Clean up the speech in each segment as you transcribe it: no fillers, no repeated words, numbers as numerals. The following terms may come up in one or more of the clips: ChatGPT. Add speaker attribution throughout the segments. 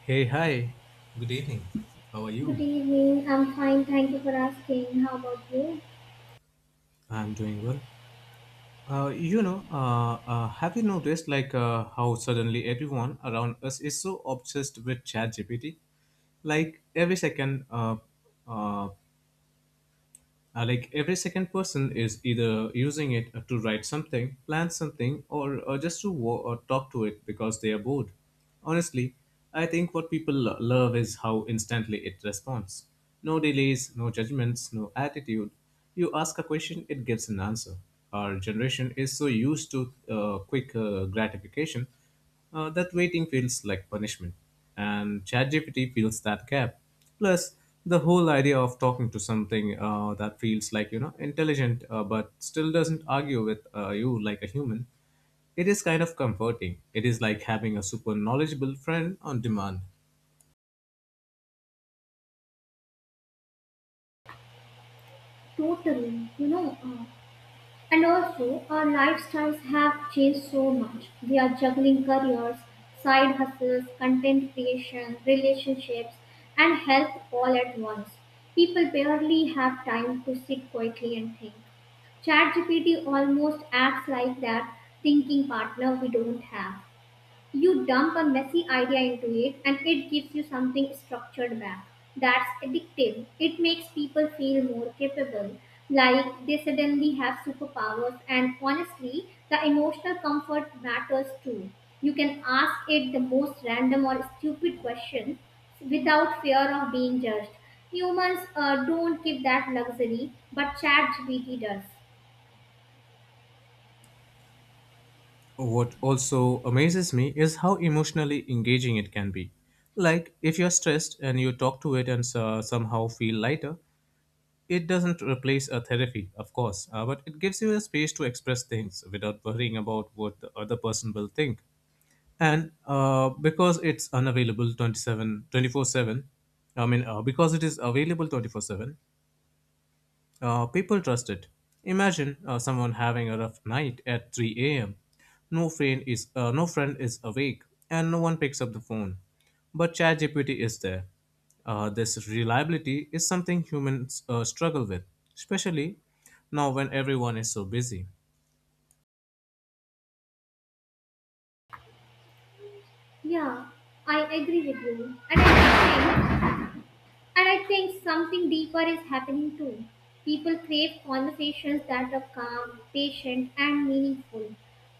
Speaker 1: Hey, hi. Good evening. How are
Speaker 2: Good
Speaker 1: you?
Speaker 2: evening. I'm fine. Thank you for asking. How about you?
Speaker 1: I'm doing well. Have you noticed like how suddenly everyone around us is so obsessed with ChatGPT? Like every second, uh, uh, like every second person is either using it to write something, plan something, or just to wo- or talk to it because they are bored. Honestly, I think what people love is how instantly it responds. No delays, no judgments, no attitude. You ask a question, it gives an answer. Our generation is so used to quick gratification that waiting feels like punishment, and ChatGPT fills that gap. Plus, the whole idea of talking to something that feels like intelligent but still doesn't argue with you like a human, it is kind of comforting. It is like having a super knowledgeable friend on demand.
Speaker 2: Totally. And also our lifestyles have changed so much. We are juggling careers, side hustles, content creation, relationships, and health all at once. People barely have time to sit quietly and think. ChatGPT almost acts like that thinking partner we don't have. You dump a messy idea into it and it gives you something structured back. That's addictive. It makes people feel more capable, like they suddenly have superpowers, and honestly, the emotional comfort matters too. You can ask it the most random or stupid questions without fear of being judged. Humans don't give that luxury, but ChatGPT does.
Speaker 1: What also amazes me is how emotionally engaging it can be. Like, if you're stressed and you talk to it and somehow feel lighter, it doesn't replace a therapy, of course, but it gives you a space to express things without worrying about what the other person will think. And because it's unavailable 27 24 7, I mean, because it is available 24/7, people trust it. Imagine someone having a rough night at 3 a.m. No friend is awake, and no one picks up the phone. But ChatGPT is there. This reliability is something humans struggle with, especially now when everyone is so busy.
Speaker 2: Yeah, I agree with you. And I think something deeper is happening too. People crave conversations that are calm, patient, and meaningful.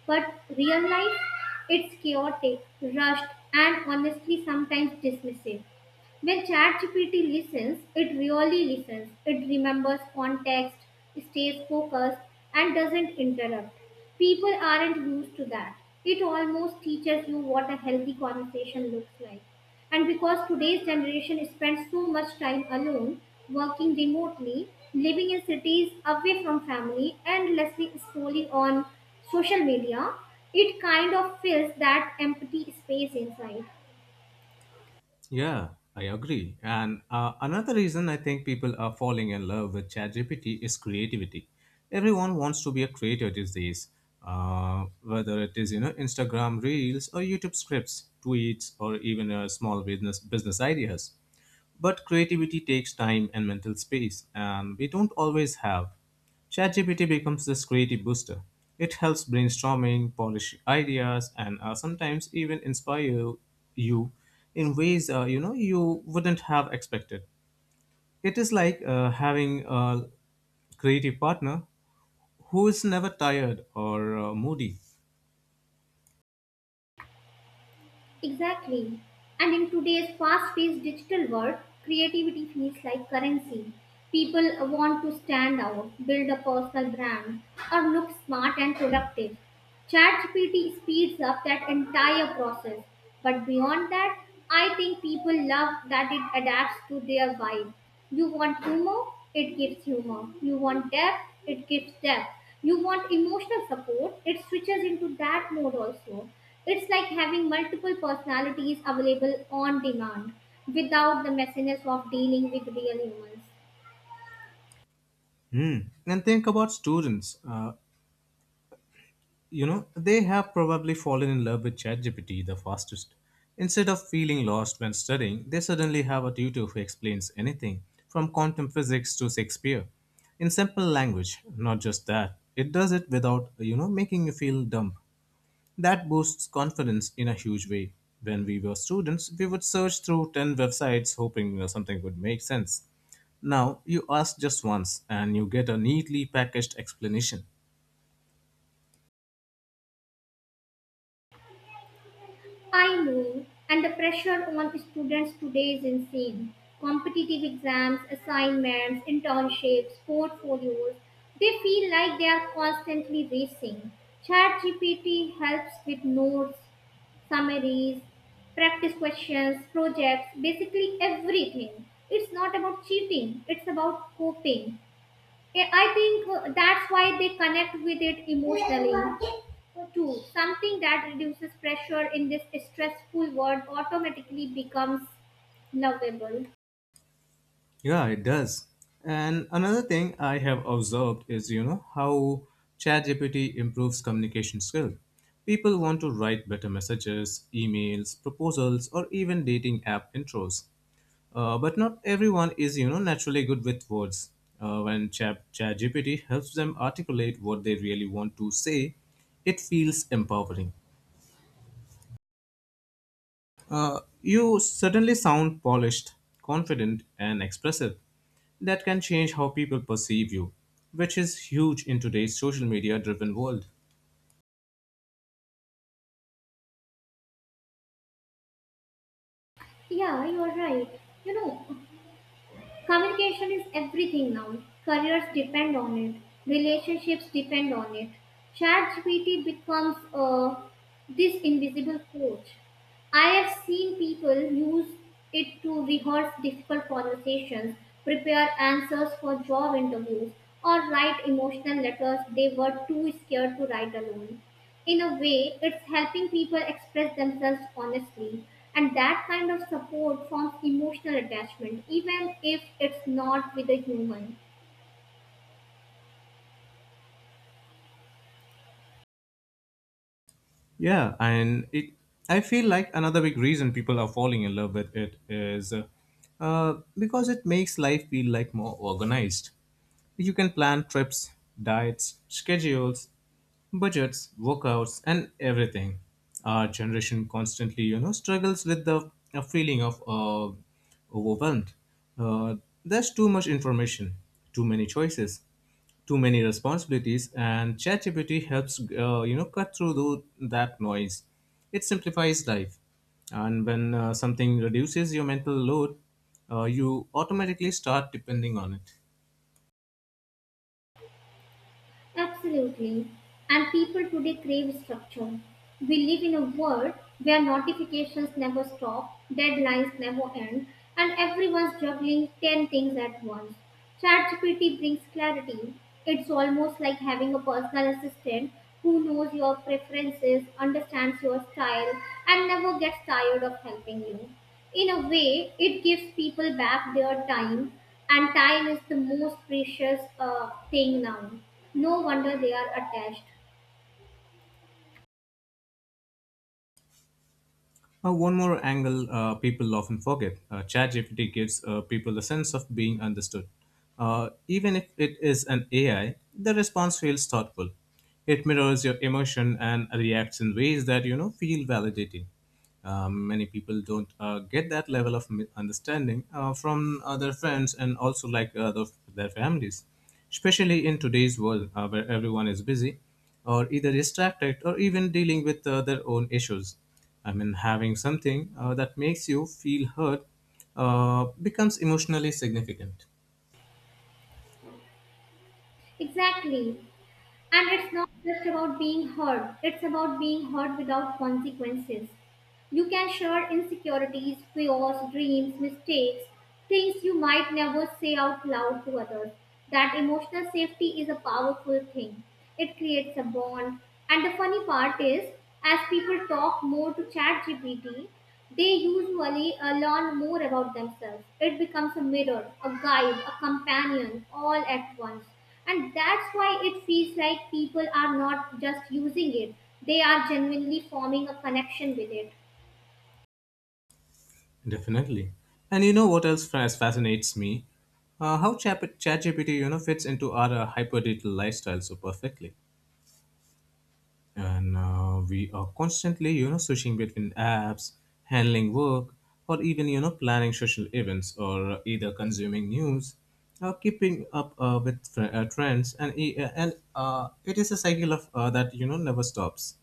Speaker 2: But real life, it's chaotic, rushed, and honestly sometimes dismissive. When ChatGPT listens, it really listens. It remembers context, stays focused, and doesn't interrupt. People aren't used to that. It almost teaches you what a healthy conversation looks like. And because today's generation spends so much time alone, working remotely, living in cities away from family, and endlessly scrolling on social media, it kind of fills that empty space inside.
Speaker 1: Yeah, I agree. And another reason I think people are falling in love with ChatGPT is creativity. Everyone wants to be a creator these days, whether it is Instagram reels or YouTube scripts, tweets, or even small business ideas. But creativity takes time and mental space, and we don't always have. ChatGPT becomes this creative booster. It helps brainstorming, polish ideas, and sometimes even inspire you in ways you wouldn't have expected. It is like having a creative partner who is never tired or moody.
Speaker 2: Exactly. And in today's fast paced digital world, creativity feels like currency. People want to stand out, build a personal brand, or look smart and productive. ChatGPT speeds up that entire process. But beyond that, I think people love that it adapts to their vibe. You want humor, it gives humor. You want depth, it gives depth. You want emotional support, it switches into that mode also. It's like having multiple personalities available on demand without the messiness of dealing with real humans.
Speaker 1: Hmm. And think about students. You know, they have probably fallen in love with ChatGPT the fastest. Instead of feeling lost when studying, they suddenly have a tutor who explains anything, from quantum physics to Shakespeare, in simple language. Not just that, it does it without making you feel dumb. That boosts confidence in a huge way. When we were students, we would search through 10 websites hoping something would make sense. Now, you ask just once and you get a neatly packaged explanation.
Speaker 2: I know, and the pressure on students today is insane. Competitive exams, assignments, internships, portfolios, they feel like they are constantly racing. ChatGPT helps with notes, summaries, practice questions, projects, basically everything. It's not about cheating, it's about coping. Eh, I think that's why they connect with it emotionally too. Something that reduces pressure in this stressful world automatically becomes lovable.
Speaker 1: Yeah, it does. And another thing I have observed is how ChatGPT improves communication skill. People want to write better messages, emails, proposals, or even dating app intros. But not everyone is naturally good with words. When ChatGPT helps them articulate what they really want to say, it feels empowering. You certainly sound polished, confident, and expressive. That can change how people perceive you, which is huge in today's social media driven world.
Speaker 2: Yeah, you're right. You know, communication is everything now. Careers depend on it. Relationships depend on it. ChatGPT becomes this invisible coach. I have seen people use it to rehearse difficult conversations, prepare answers for job interviews, or write emotional letters they were too scared to write alone. In a way, it's helping people express themselves honestly, and that kind of support forms emotional attachment, even if it's not with a human.
Speaker 1: Yeah, I feel like another big reason people are falling in love with it is because it makes life feel like more organized. You can plan trips, diets, schedules, budgets, workouts, and everything. Our generation constantly, struggles with the feeling of overwhelmed. Uh, there's too much information, too many choices, too many responsibilities, and ChatGPT helps, cut through that noise. It simplifies life, and when something reduces your mental load, you automatically start depending on it.
Speaker 2: Absolutely. And people today crave structure. We live in a world where notifications never stop, deadlines never end, and everyone's juggling 10 things at once. ChatGPT brings clarity. It's almost like having a personal assistant who knows your preferences, understands your style, and never gets tired of helping you. In a way, it gives people back their time, and time is the most precious thing now. No wonder they are attached.
Speaker 1: One more angle people often forget ChatGPT gives people a sense of being understood. Even if it is an AI, the response feels thoughtful. It mirrors your emotion and reacts in ways that feel validating. Many people don't get that level of understanding from their friends and also like their families, especially in today's world where everyone is busy or either distracted or even dealing with their own issues. I mean, having something that makes you feel hurt becomes emotionally significant.
Speaker 2: Exactly. And it's not just about being heard, it's about being heard without consequences. You can share insecurities, fears, dreams, mistakes, things you might never say out loud to others. That emotional safety is a powerful thing. It creates a bond. And the funny part is, as people talk more to ChatGPT, they usually learn more about themselves. It becomes a mirror, a guide, a companion, all at once. And that's why it feels like people are not just using it, they are genuinely forming a connection with it.
Speaker 1: Definitely. And you know what else fascinates me? How ChatGPT fits into our hyper digital lifestyle so perfectly. And we are constantly switching between apps, handling work, or even planning social events, or either consuming news, or keeping up with trends and it is a cycle of that never stops,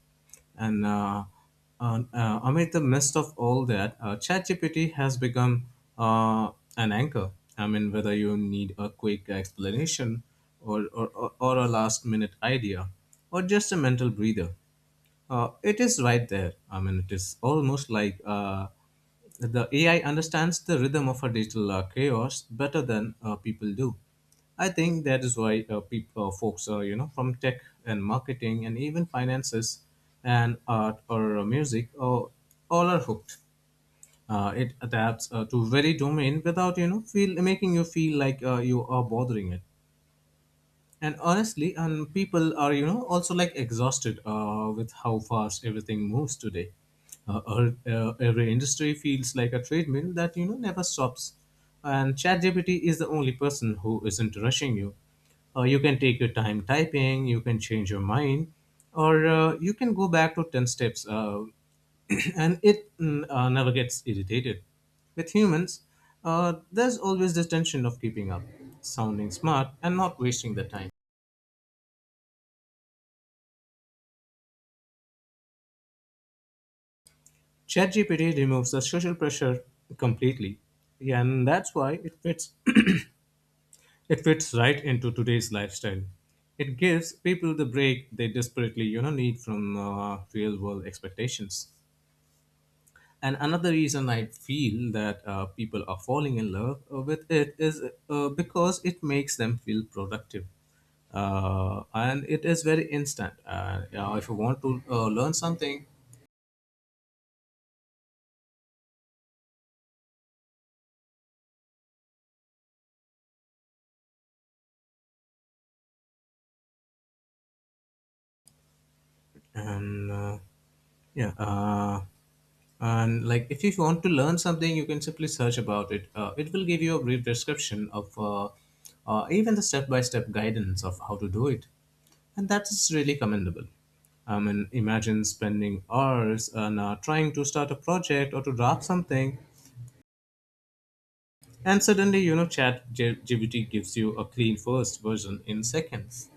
Speaker 1: and amid the midst of all that, ChatGPT has become an anchor. I mean, whether you need a quick explanation or a last minute idea or just a mental breather, it is right there. I mean, it is almost like the AI understands the rhythm of a digital chaos better than people do. I think that is why people, folks, from tech and marketing and even finances and art or music, all are hooked. It adapts to very domain without you know feel making you feel like you are bothering it, and honestly, and people are also like exhausted with how fast everything moves today. Every industry feels like a treadmill that never stops, and ChatGPT is the only person who isn't rushing you. You can take your time typing. You can change your mind, or you can go back to 10 steps. And it never gets irritated with humans. There's always this tension of keeping up, sounding smart, and not wasting the time. ChatGPT removes the social pressure completely, and that's why it fits, it fits right into today's lifestyle. It gives people the break they desperately need from real world expectations. And another reason I feel that people are falling in love with it is because it makes them feel productive and it is very instant. Yeah, if you want to learn something, and yeah, and like, if you want to learn something, you can simply search about it. It will give you a brief description of even the step-by-step guidance of how to do it, and that is really commendable. I mean, imagine spending hours on trying to start a project or to draft something, and suddenly, Chat GPT gives you a clean first version in seconds.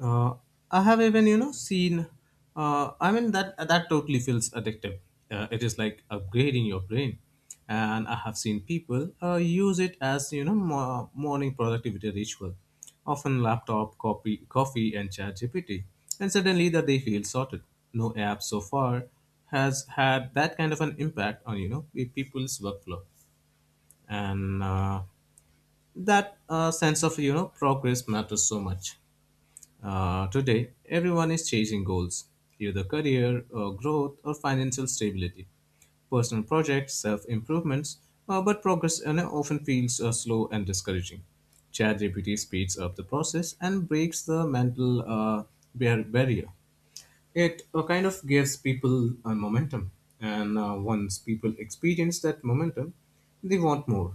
Speaker 1: Uh, I have even seen. I mean that totally feels addictive. It is like upgrading your brain, and I have seen people use it as morning productivity ritual, often laptop, copy, coffee, and Chat GPT, and suddenly that they feel sorted. No app so far has had that kind of an impact on people's workflow, and. That sense of progress matters so much. Today everyone is chasing goals, either career or growth or financial stability, personal projects, self-improvements, but progress, often feels slow and discouraging. ChatGPT speeds up the process and breaks the mental barrier. It kind of gives people a momentum, and once people experience that momentum they want more.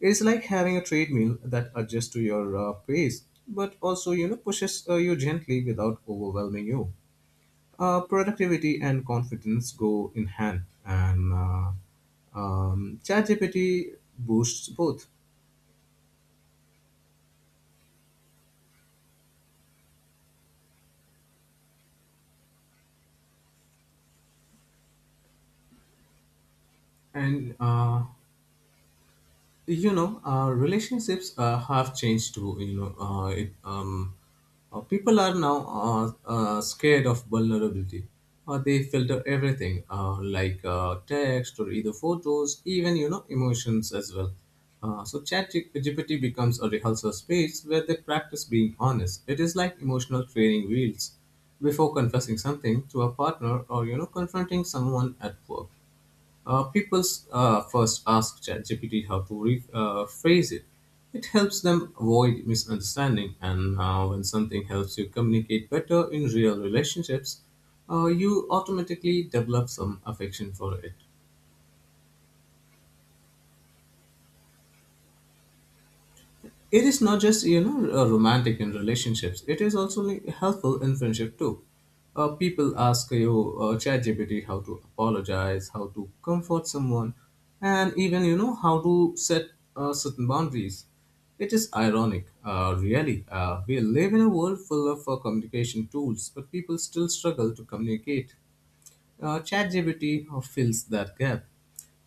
Speaker 1: It's like having a treadmill that adjusts to your pace, but also pushes you gently without overwhelming you. Productivity and confidence go in hand, and ChatGPT boosts both. And relationships have changed too. People are now scared of vulnerability. They filter everything like text or either photos, even emotions as well. So Chat GPT becomes a rehearsal space where they practice being honest. It is like emotional training wheels before confessing something to a partner or confronting someone at work. People first ask ChatGPT how to phrase it. It helps them avoid misunderstanding, and when something helps you communicate better in real relationships, you automatically develop some affection for it. It is not just romantic in relationships. It is also like, helpful in friendship too. People ask you ChatGPT how to apologize, how to comfort someone, and even how to set certain boundaries. It is ironic, really. We live in a world full of communication tools, but people still struggle to communicate. ChatGPT fills that gap.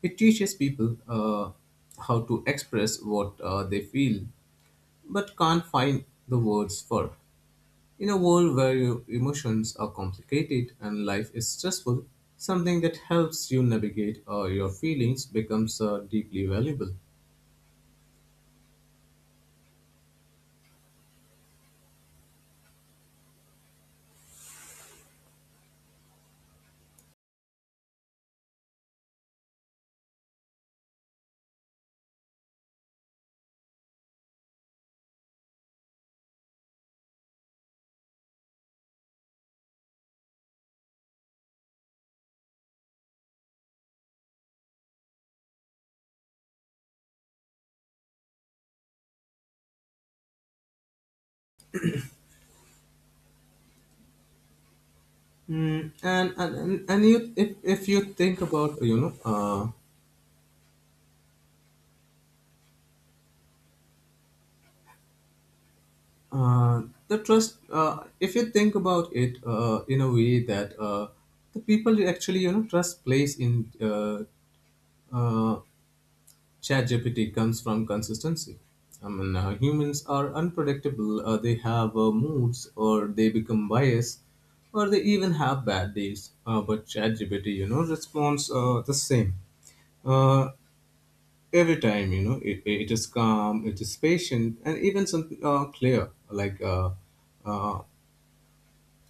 Speaker 1: It teaches people how to express what they feel but can't find the words for. In a world where your emotions are complicated and life is stressful, something that helps you navigate your feelings becomes deeply valuable. Mm, and you, if you think about, you know, uh, the trust, if you think about it in a way that the people you actually, you know, trust place in uh, ChatGPT comes from consistency. I mean, humans are unpredictable. They have moods, or they become biased, or they even have bad days. But ChatGPT, you know, responds the same uh, every time. You know, it is calm, it is patient, and even some clear. Uh,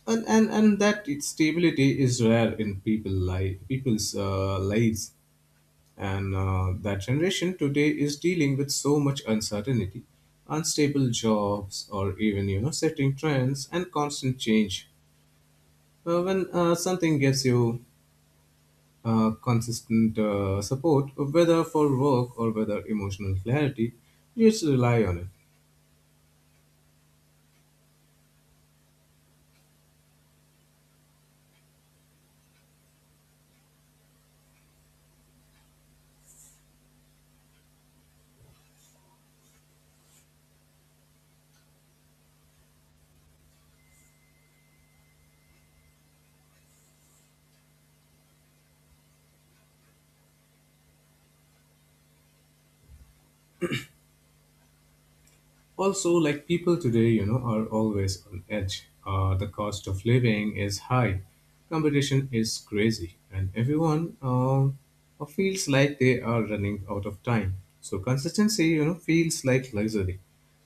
Speaker 1: and that its stability is rare in people life, people's lives. And that generation today is dealing with so much uncertainty, unstable jobs, or even you know setting trends and constant change. When something gives you consistent support, whether for work or whether emotional clarity, you just rely on it. Also, like, people today you know are always on edge. The cost of living is high, competition is crazy, and everyone feels like they are running out of time, so consistency you know feels like luxury.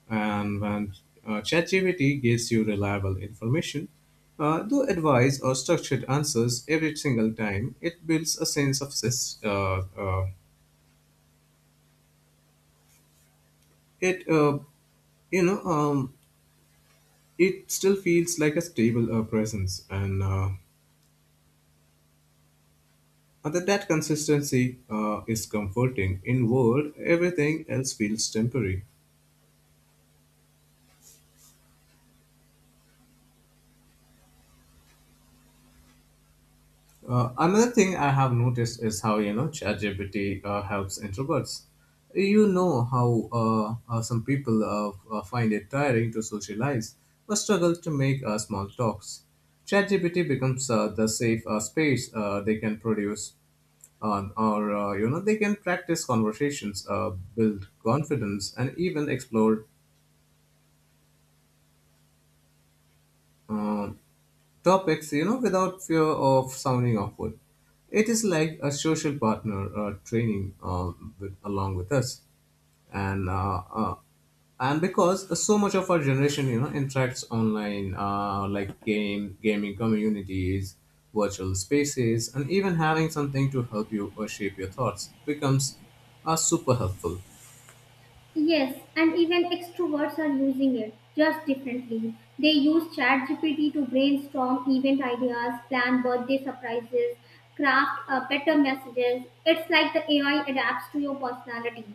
Speaker 1: And when ChatGPT gives you reliable information, though advice or structured answers every single time, it builds a sense of sys- it you know, it still feels like a stable presence, and that consistency is comforting in world everything else feels temporary. Another thing I have noticed is how you know ChatGPT helps introverts. You know how some people find it tiring to socialize or struggle to make small talks. ChatGPT becomes the safe space they can produce, or you know they can practice conversations, build confidence, and even explore um topics, you know, without fear of sounding awkward. It is like a social partner training with, along with us, and uh, uh, and because so much of our generation, you know, interacts online, like game gaming communities, virtual spaces, and even having something to help you or shape your thoughts becomes super helpful.
Speaker 2: Yes, and even extroverts are using it just differently. They use ChatGPT to brainstorm event ideas, plan birthday surprises, craft better messages. It's like the AI adapts to your personality.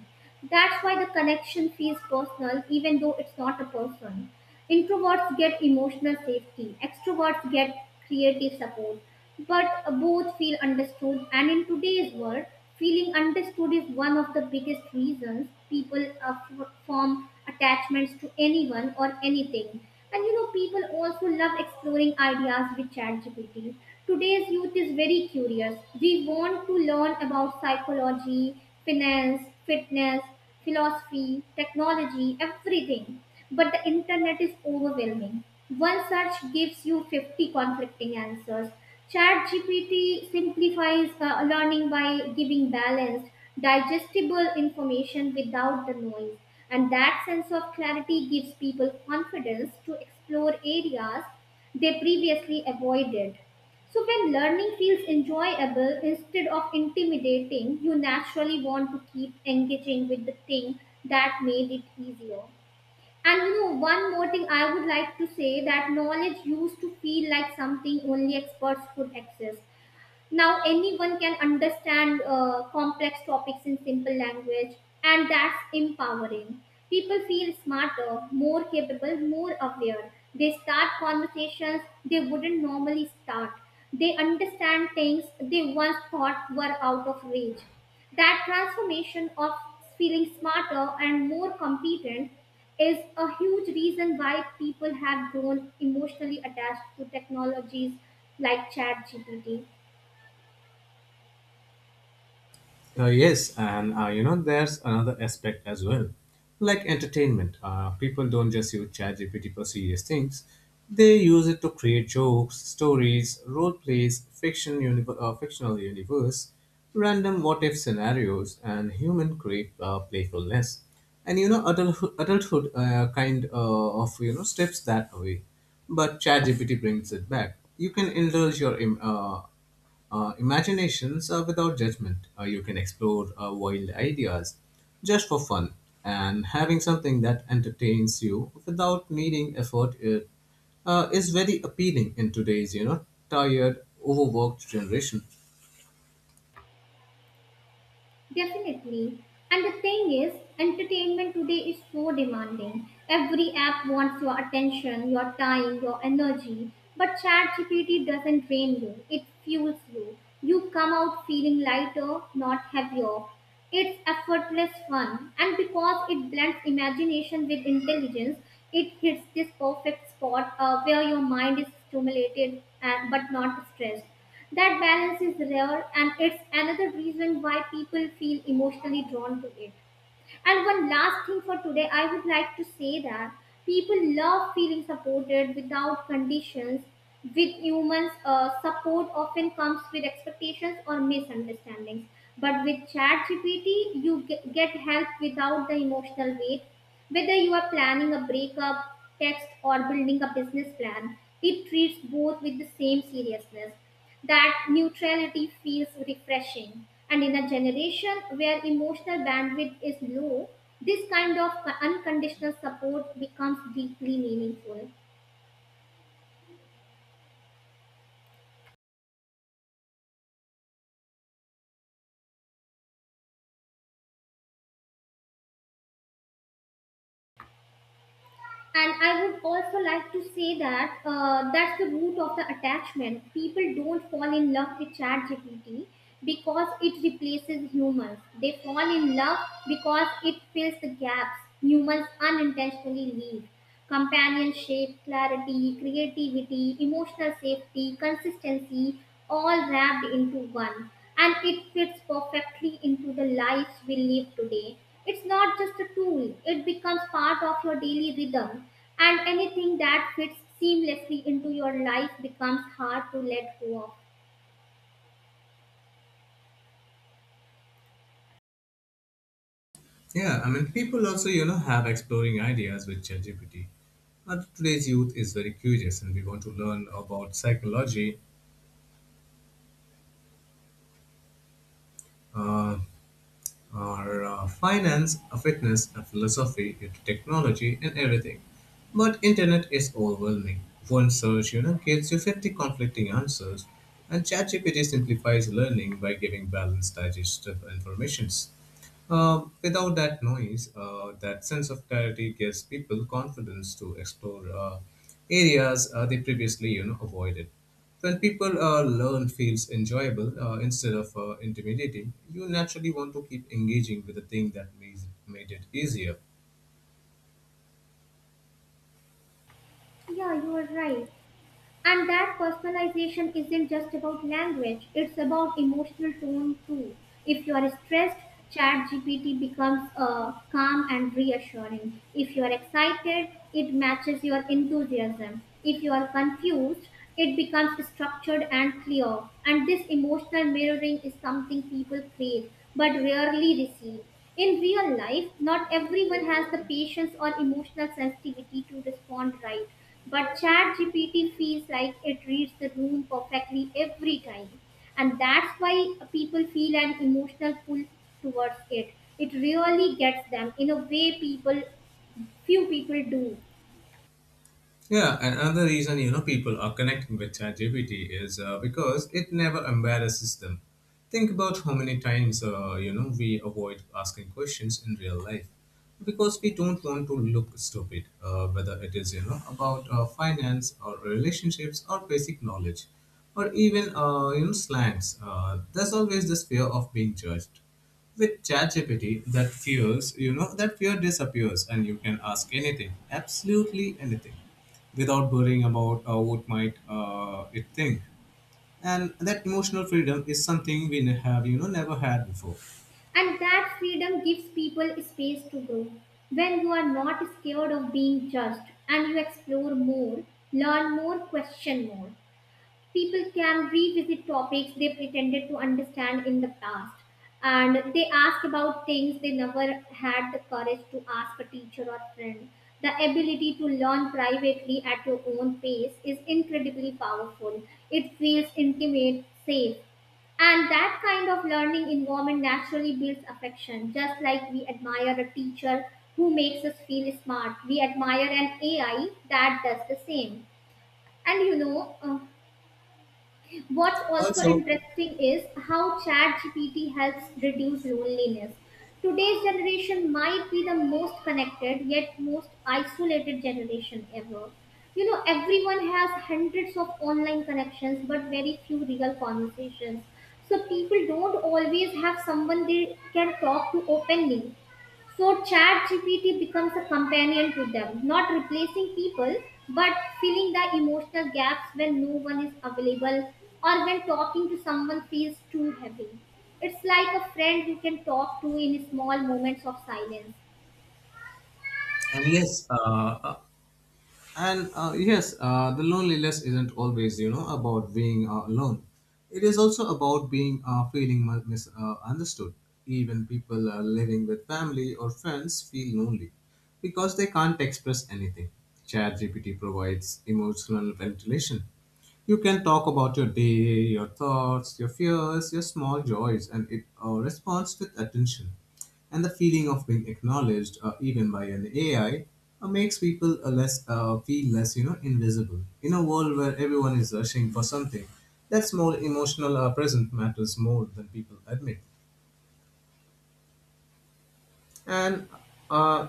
Speaker 2: That's why the connection feels personal, even though it's not a person. Introverts get emotional safety, extroverts get creative support, but both feel understood. And in today's world, feeling understood is one of the biggest reasons people form attachments to anyone or anything. And you know, people also love exploring ideas with ChatGPT. Today's youth is very curious. We want to learn about psychology, finance, fitness, philosophy, technology, everything. But the internet is overwhelming. One search gives you 50 conflicting answers. ChatGPT simplifies learning by giving balanced, digestible information without the noise. And that sense of clarity gives people confidence to explore areas they previously avoided. So, when learning feels enjoyable instead of intimidating, you naturally want to keep engaging with the thing that made it easier. And you know, one more thing I would like to say, that knowledge used to feel like something only experts could access. Now anyone can understand complex topics in simple language, and that's empowering. People feel smarter, more capable, more aware. They start conversations they wouldn't normally start, they understand things they once thought were out of reach. That transformation of feeling smarter and more competent is a huge reason why people have grown emotionally attached to technologies like ChatGPT.
Speaker 1: Yes, and you know, there's another aspect as well, like entertainment. People don't just use ChatGPT for serious things; they use it to create jokes, stories, role plays, fictional universe, random what-if scenarios, and human create playfulness. And you know, adulthood kind of you know steps that away, but ChatGPT brings it back. You can indulge your imaginations are without judgment. You can explore wild ideas just for fun, and having something that entertains you without needing effort it, is very appealing in today's, you know, tired, overworked generation.
Speaker 2: Definitely. And the thing is, entertainment today is so demanding. Every app wants your attention, your time, your energy. But ChatGPT doesn't drain you, it fuels you. You come out feeling lighter, not heavier. It's effortless fun. And because it blends imagination with intelligence, it hits this perfect spot where your mind is stimulated and, but not stressed. That balance is rare, and it's another reason why people feel emotionally drawn to it. And one last thing for today, I would like to say that people love feeling supported without conditions. With humans, support often comes with expectations or misunderstandings. But with ChatGPT, you get help without the emotional weight, whether you are planning a breakup text or building a business plan, it treats both with the same seriousness. That neutrality feels refreshing. And in a generation where emotional bandwidth is low, this kind of unconditional support becomes deeply meaningful. And I would also like to say that that's the root of the attachment. People don't fall in love with ChatGPT because it replaces humans, they fall in love because it fills the gaps humans unintentionally leave. Companionship, clarity, creativity, emotional safety, consistency, all wrapped into one. And it fits perfectly into the lives we live today. It's not just a tool, it becomes part of your daily rhythm. And anything that fits seamlessly into your life becomes hard to let go of.
Speaker 1: Yeah, I mean, people also, you know, have exploring ideas with ChatGPT. But today's youth is very curious, and we want to learn about psychology, uh, or finance, fitness, philosophy, into technology, and everything. But internet is overwhelming. One search, you know, gives you 50 conflicting answers, and ChatGPT simplifies learning by giving balanced, digestive informations. Without that noise, that sense of clarity gives people confidence to explore areas they previously, you know, avoided. When people learn feels enjoyable instead of intimidating, you naturally want to keep engaging with the thing that made it easier.
Speaker 2: Yeah, you are right. And that personalization isn't just about language, it's about emotional tone too. If you are stressed, ChatGPT becomes calm and reassuring. If you are excited, it matches your enthusiasm. If you are confused, it becomes structured and clear. And this emotional mirroring is something people crave but rarely receive. In real life, not everyone has the patience or emotional sensitivity to respond right, but ChatGPT feels like it reads the room perfectly every time. And that's why people feel an emotional pull towards it. It really gets them in a way people few people do.
Speaker 1: Yeah, and another reason you know people are connecting with ChatGPT is because it never embarrasses them. Think about how many times you know we avoid asking questions in real life because we don't want to look stupid, whether it is you know about finance or relationships or basic knowledge, or even you know slangs. There's always this fear of being judged. With ChatGPT, that fear disappears, and you can ask anything, absolutely anything without worrying about what might it think. And that emotional freedom is something have, you know, never had before.
Speaker 2: And that freedom gives people space to grow. When you are not scared of being judged, and you explore more, learn more, question more, people can revisit topics they pretended to understand in the past, and they ask about things they never had the courage to ask a teacher or friend. The ability to learn privately at your own pace is incredibly powerful. It feels intimate, safe, and that kind of learning environment naturally builds affection. Just like we admire a teacher who makes us feel smart, we admire an AI that does the same. And you know, uh, What's also
Speaker 1: Also,
Speaker 2: interesting is how ChatGPT helps reduce loneliness. Today's generation might be the most connected yet most isolated generation ever. You know, everyone has hundreds of online connections but very few real conversations. So people don't always have someone they can talk to openly. So ChatGPT becomes a companion to them, not replacing people, but filling the emotional gaps when no one is available or when talking to someone feels too heavy. It's like a friend you can talk to in small moments of silence.
Speaker 1: and yes, uh, And yes, the loneliness isn't always, you know, about being alone. It is also about being understood. Even people living with family or friends feel lonely because they can't express anything. ChatGPT provides emotional ventilation. You can talk about your day, your thoughts, your fears, your small joys, and it responds with attention. And the feeling of being acknowledged, even by an AI, makes people less feel less, you know, invisible. In a world where everyone is rushing for something, that small emotional present matters more than people admit. And uh,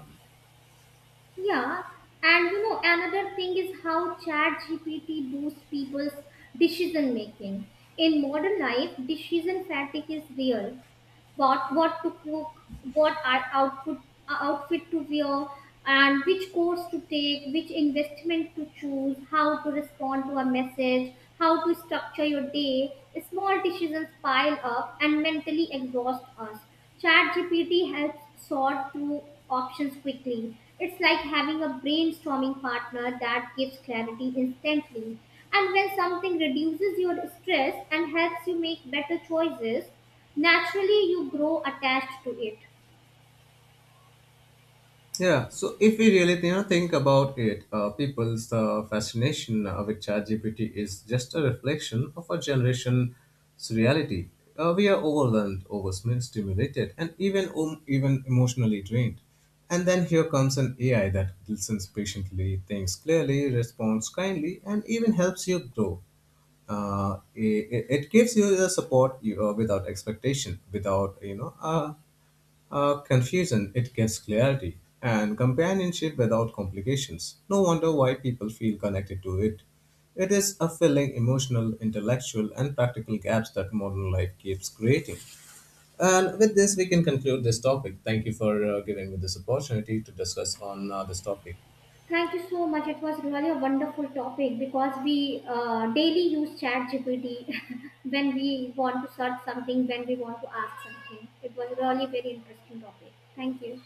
Speaker 2: Yeah, and you know another thing is how ChatGPT boosts people's decision making. In modern life, decision fatigue is real. What to cook, what are outfit outfit to wear, and which course to take, which investment to choose, how to respond to a message, how to structure your day. Small decisions pile up and mentally exhaust us. ChatGPT helps sort through options quickly. It's like having a brainstorming partner that gives clarity instantly. And when something reduces your stress and helps you make better choices, naturally you grow attached to it.
Speaker 1: Yeah, so if we really you know, think about it, people's fascination with ChatGPT is just a reflection of our generation's reality. We are overwhelmed, overstimulated, and even emotionally drained. And then here comes an AI that listens patiently, thinks clearly, responds kindly, and even helps you grow. It gives you the support you, without expectation, without confusion, it gives clarity, and companionship without complications. No wonder why people feel connected to it. It is a filling emotional, intellectual, and practical gaps that modern life keeps creating. And with this, we can conclude this topic. Thank you for giving me this opportunity to discuss on this topic.
Speaker 2: Thank you so much, it was really a wonderful topic, because we daily use chat gpt when we want to search something, when we want to ask something. It was really very interesting topic. Thank you.